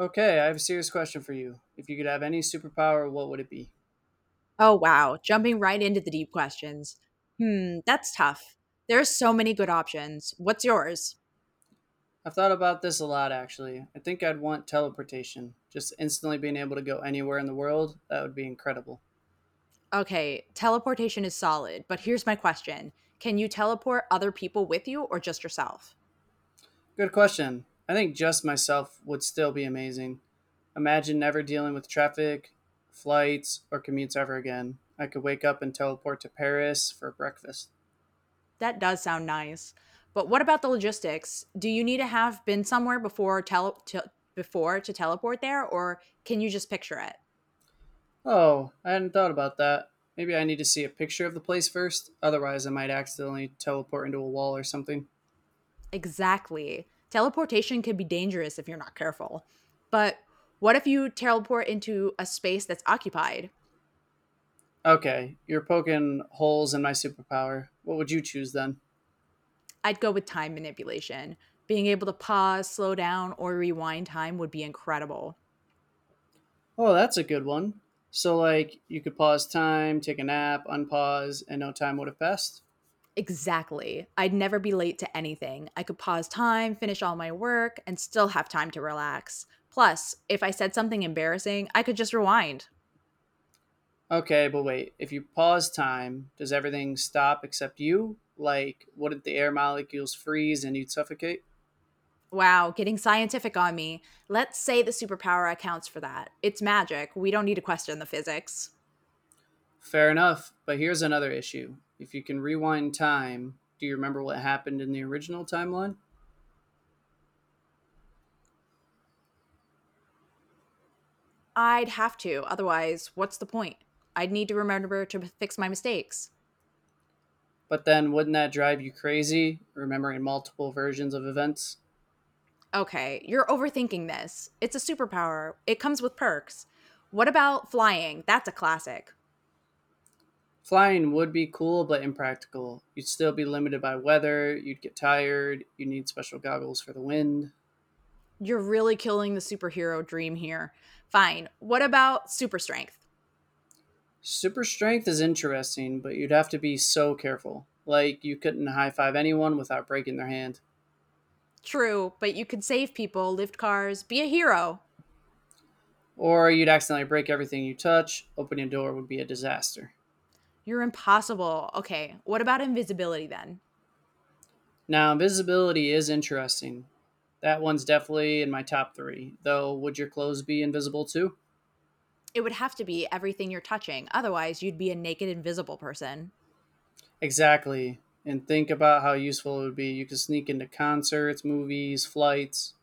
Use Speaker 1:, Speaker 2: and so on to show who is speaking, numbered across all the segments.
Speaker 1: Okay, I have a serious question for you. If you could have any superpower, what would it be?
Speaker 2: Oh, wow. Jumping right into the deep questions. Hmm, that's tough. There are so many good options. What's yours?
Speaker 1: I've thought about this a lot, actually. I think I'd want teleportation. Just instantly being able to go anywhere in the world, that would be incredible.
Speaker 2: Okay, teleportation is solid, but here's my question. Can you teleport other people with you or just yourself?
Speaker 1: Good question. I think just myself would still be amazing. Imagine never dealing with traffic, flights, or commutes ever again. I could wake up and teleport to Paris for breakfast.
Speaker 2: That does sound nice. But what about the logistics? Do you need to have been somewhere before tele- to, before to teleport there, or can you just picture it?
Speaker 1: Oh, I hadn't thought about that. Maybe I need to see a picture of the place first, otherwise, I might accidentally teleport into a wall or something.
Speaker 2: Exactly. Teleportation can be dangerous if you're not careful. But what if you teleport into a space that's occupied?
Speaker 1: Okay, you're poking holes in my superpower. What would you choose then?
Speaker 2: I'd go with time manipulation. Being able to pause, slow down, or rewind time would be incredible.
Speaker 1: Oh, that's a good one. So, like, you could pause time, take a nap, unpause, and no time would have passed?
Speaker 2: Exactly. I'd never be late to anything. I could pause time, finish all my work, and still have time to relax. Plus, if I said something embarrassing, I could just rewind.
Speaker 1: Okay, but wait, if you pause time, does everything stop except you? Like, wouldn't the air molecules freeze and you'd suffocate?
Speaker 2: Wow, getting scientific on me. Let's say the superpower accounts for that. It's magic. We don't need to question the physics.
Speaker 1: Fair enough, but here's another issue. If you can rewind time, do you remember what happened in the original timeline?
Speaker 2: I'd have to, otherwise, what's the point? I'd need to remember to fix my mistakes.
Speaker 1: But then, wouldn't that drive you crazy, remembering multiple versions of events?
Speaker 2: Okay, you're overthinking this. It's a superpower, it comes with perks. What about flying? That's a classic.
Speaker 1: Flying would be cool, but impractical. You'd still be limited by weather, you'd get tired, you'd need special goggles for the wind.
Speaker 2: You're really killing the superhero dream here. Fine. What about super strength?
Speaker 1: Super strength is interesting, but you'd have to be so careful. Like, you couldn't high five anyone without breaking their hand.
Speaker 2: True, but you could save people, lift cars, be a hero.
Speaker 1: Or you'd accidentally break everything you touch, opening a door would be a disaster.
Speaker 2: You're impossible. Okay, what about invisibility then?
Speaker 1: Now, invisibility is interesting. That one's definitely in my top three, though, would your clothes be invisible too?
Speaker 2: It would have to be everything you're touching. Otherwise, you'd be a naked, invisible person.
Speaker 1: Exactly. And think about how useful it would be. You could sneak into concerts, movies, flights.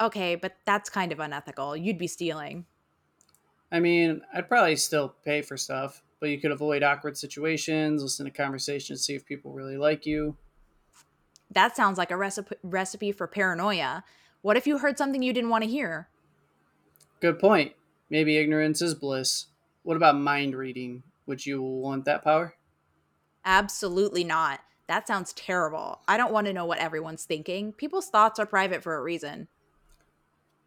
Speaker 2: Okay, but that's kind of unethical. You'd be stealing.
Speaker 1: I mean, I'd probably still pay for stuff, but you could avoid awkward situations, listen to conversations, see if people really like you.
Speaker 2: That sounds like a recipe for paranoia. What if you heard something you didn't want to hear?
Speaker 1: Good point. Maybe ignorance is bliss. What about mind reading? Would you want that power?
Speaker 2: Absolutely not. That sounds terrible. I don't want to know what everyone's thinking. People's thoughts are private for a reason.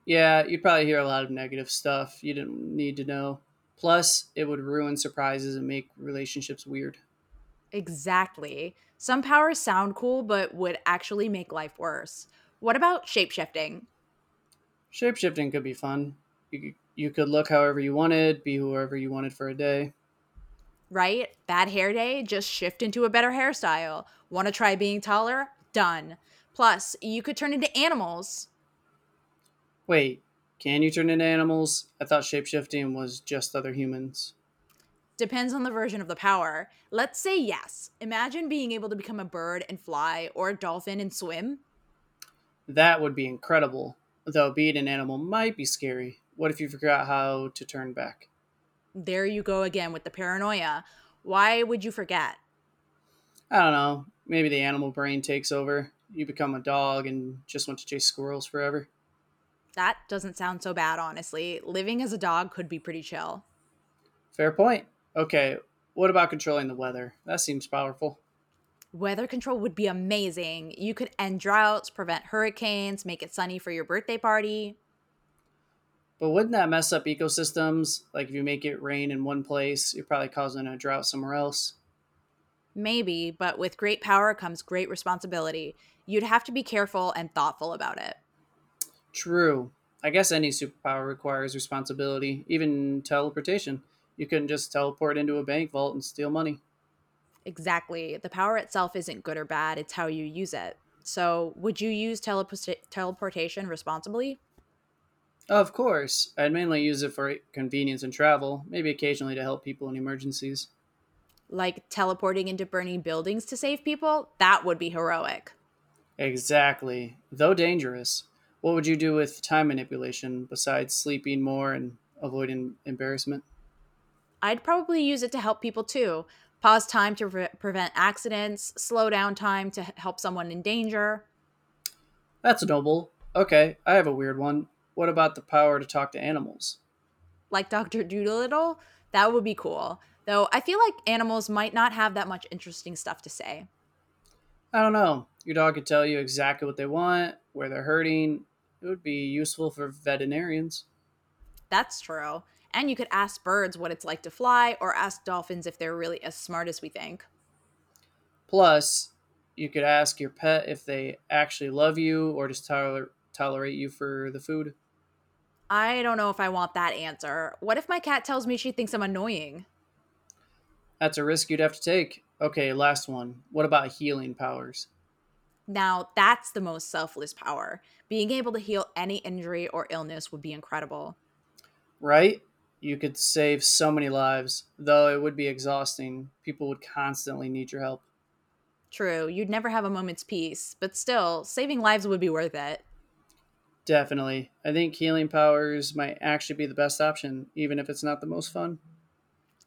Speaker 1: Yeah, you'd probably hear a lot of negative stuff you didn't need to know. Plus, it would ruin surprises and make relationships weird.
Speaker 2: Exactly. Some powers sound cool, but would actually make life worse. What about shapeshifting?
Speaker 1: Shapeshifting could be fun. You, you could look however you wanted, be whoever you wanted for a day.
Speaker 2: Right? Bad hair day, just shift into a better hairstyle. Want to try being taller? Done. Plus, you could turn into animals.
Speaker 1: Wait, can you turn into animals? I thought shapeshifting was just other humans.
Speaker 2: Depends on the version of the power. Let's say yes. Imagine being able to become a bird and fly, or a dolphin and swim.
Speaker 1: That would be incredible. Though being an animal might be scary. What if you forgot how to turn back?
Speaker 2: There you go again with the paranoia. Why would you forget?
Speaker 1: I don't know. Maybe the animal brain takes over. You become a dog and just want to chase squirrels forever.
Speaker 2: That doesn't sound so bad, honestly. Living as a dog could be pretty chill.
Speaker 1: Fair point. Okay, what about controlling the weather? That seems powerful.
Speaker 2: Weather control would be amazing. You could end droughts, prevent hurricanes, make it sunny for your birthday party.
Speaker 1: But wouldn't that mess up ecosystems? Like if you make it rain in one place, you're probably causing a drought somewhere else.
Speaker 2: Maybe, but with great power comes great responsibility. You'd have to be careful and thoughtful about it.
Speaker 1: True. I guess any superpower requires responsibility, even teleportation. You couldn't just teleport into a bank vault and steal money.
Speaker 2: Exactly. The power itself isn't good or bad, it's how you use it. So, would you use teleportation responsibly?
Speaker 1: Of course, I'd mainly use it for convenience and travel, maybe occasionally to help people in emergencies.
Speaker 2: Like teleporting into burning buildings to save people? That would be heroic.
Speaker 1: Exactly. Though dangerous. What would you do with time manipulation besides sleeping more and avoiding embarrassment?
Speaker 2: I'd probably use it to help people too. Pause time to prevent accidents, slow down time to help someone in danger.
Speaker 1: That's noble. Okay, I have a weird one. What about the power to talk to animals?
Speaker 2: Like Dr. Doolittle, that would be cool. Though I feel like animals might not have that much interesting stuff to say.
Speaker 1: I don't know. Your dog could tell you exactly what they want, where they're hurting. It would be useful for veterinarians.
Speaker 2: That's true. And you could ask birds what it's like to fly, or ask dolphins if they're really as smart as we think.
Speaker 1: Plus, you could ask your pet if they actually love you or just tolerate you for the food.
Speaker 2: I don't know if I want that answer. What if my cat tells me she thinks I'm annoying?
Speaker 1: That's a risk you'd have to take. Okay, last one. What about healing powers?
Speaker 2: Now, that's the most selfless power. Being able to heal any injury or illness would be incredible.
Speaker 1: Right? You could save so many lives, though it would be exhausting. People would constantly need your help.
Speaker 2: True, you'd never have a moment's peace, but still, saving lives would be worth it.
Speaker 1: Definitely. I think healing powers might actually be the best option, even if it's not the most fun.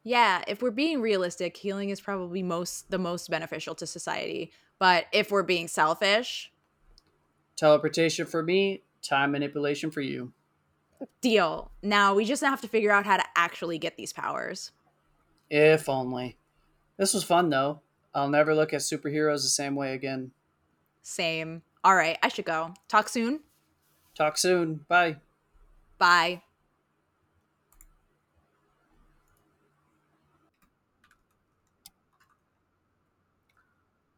Speaker 2: Yeah, if we're being realistic, healing is probably most the most beneficial to society. But if we're being selfish,
Speaker 1: Teleportation for me, time manipulation for you.
Speaker 2: deal. Now we just have to figure out how to actually get these powers.
Speaker 1: If only. This was fun, though. I'll never look at superheroes the same way again.
Speaker 2: Same. All right, I should go. Talk soon.
Speaker 1: Talk soon. Bye.
Speaker 2: Bye.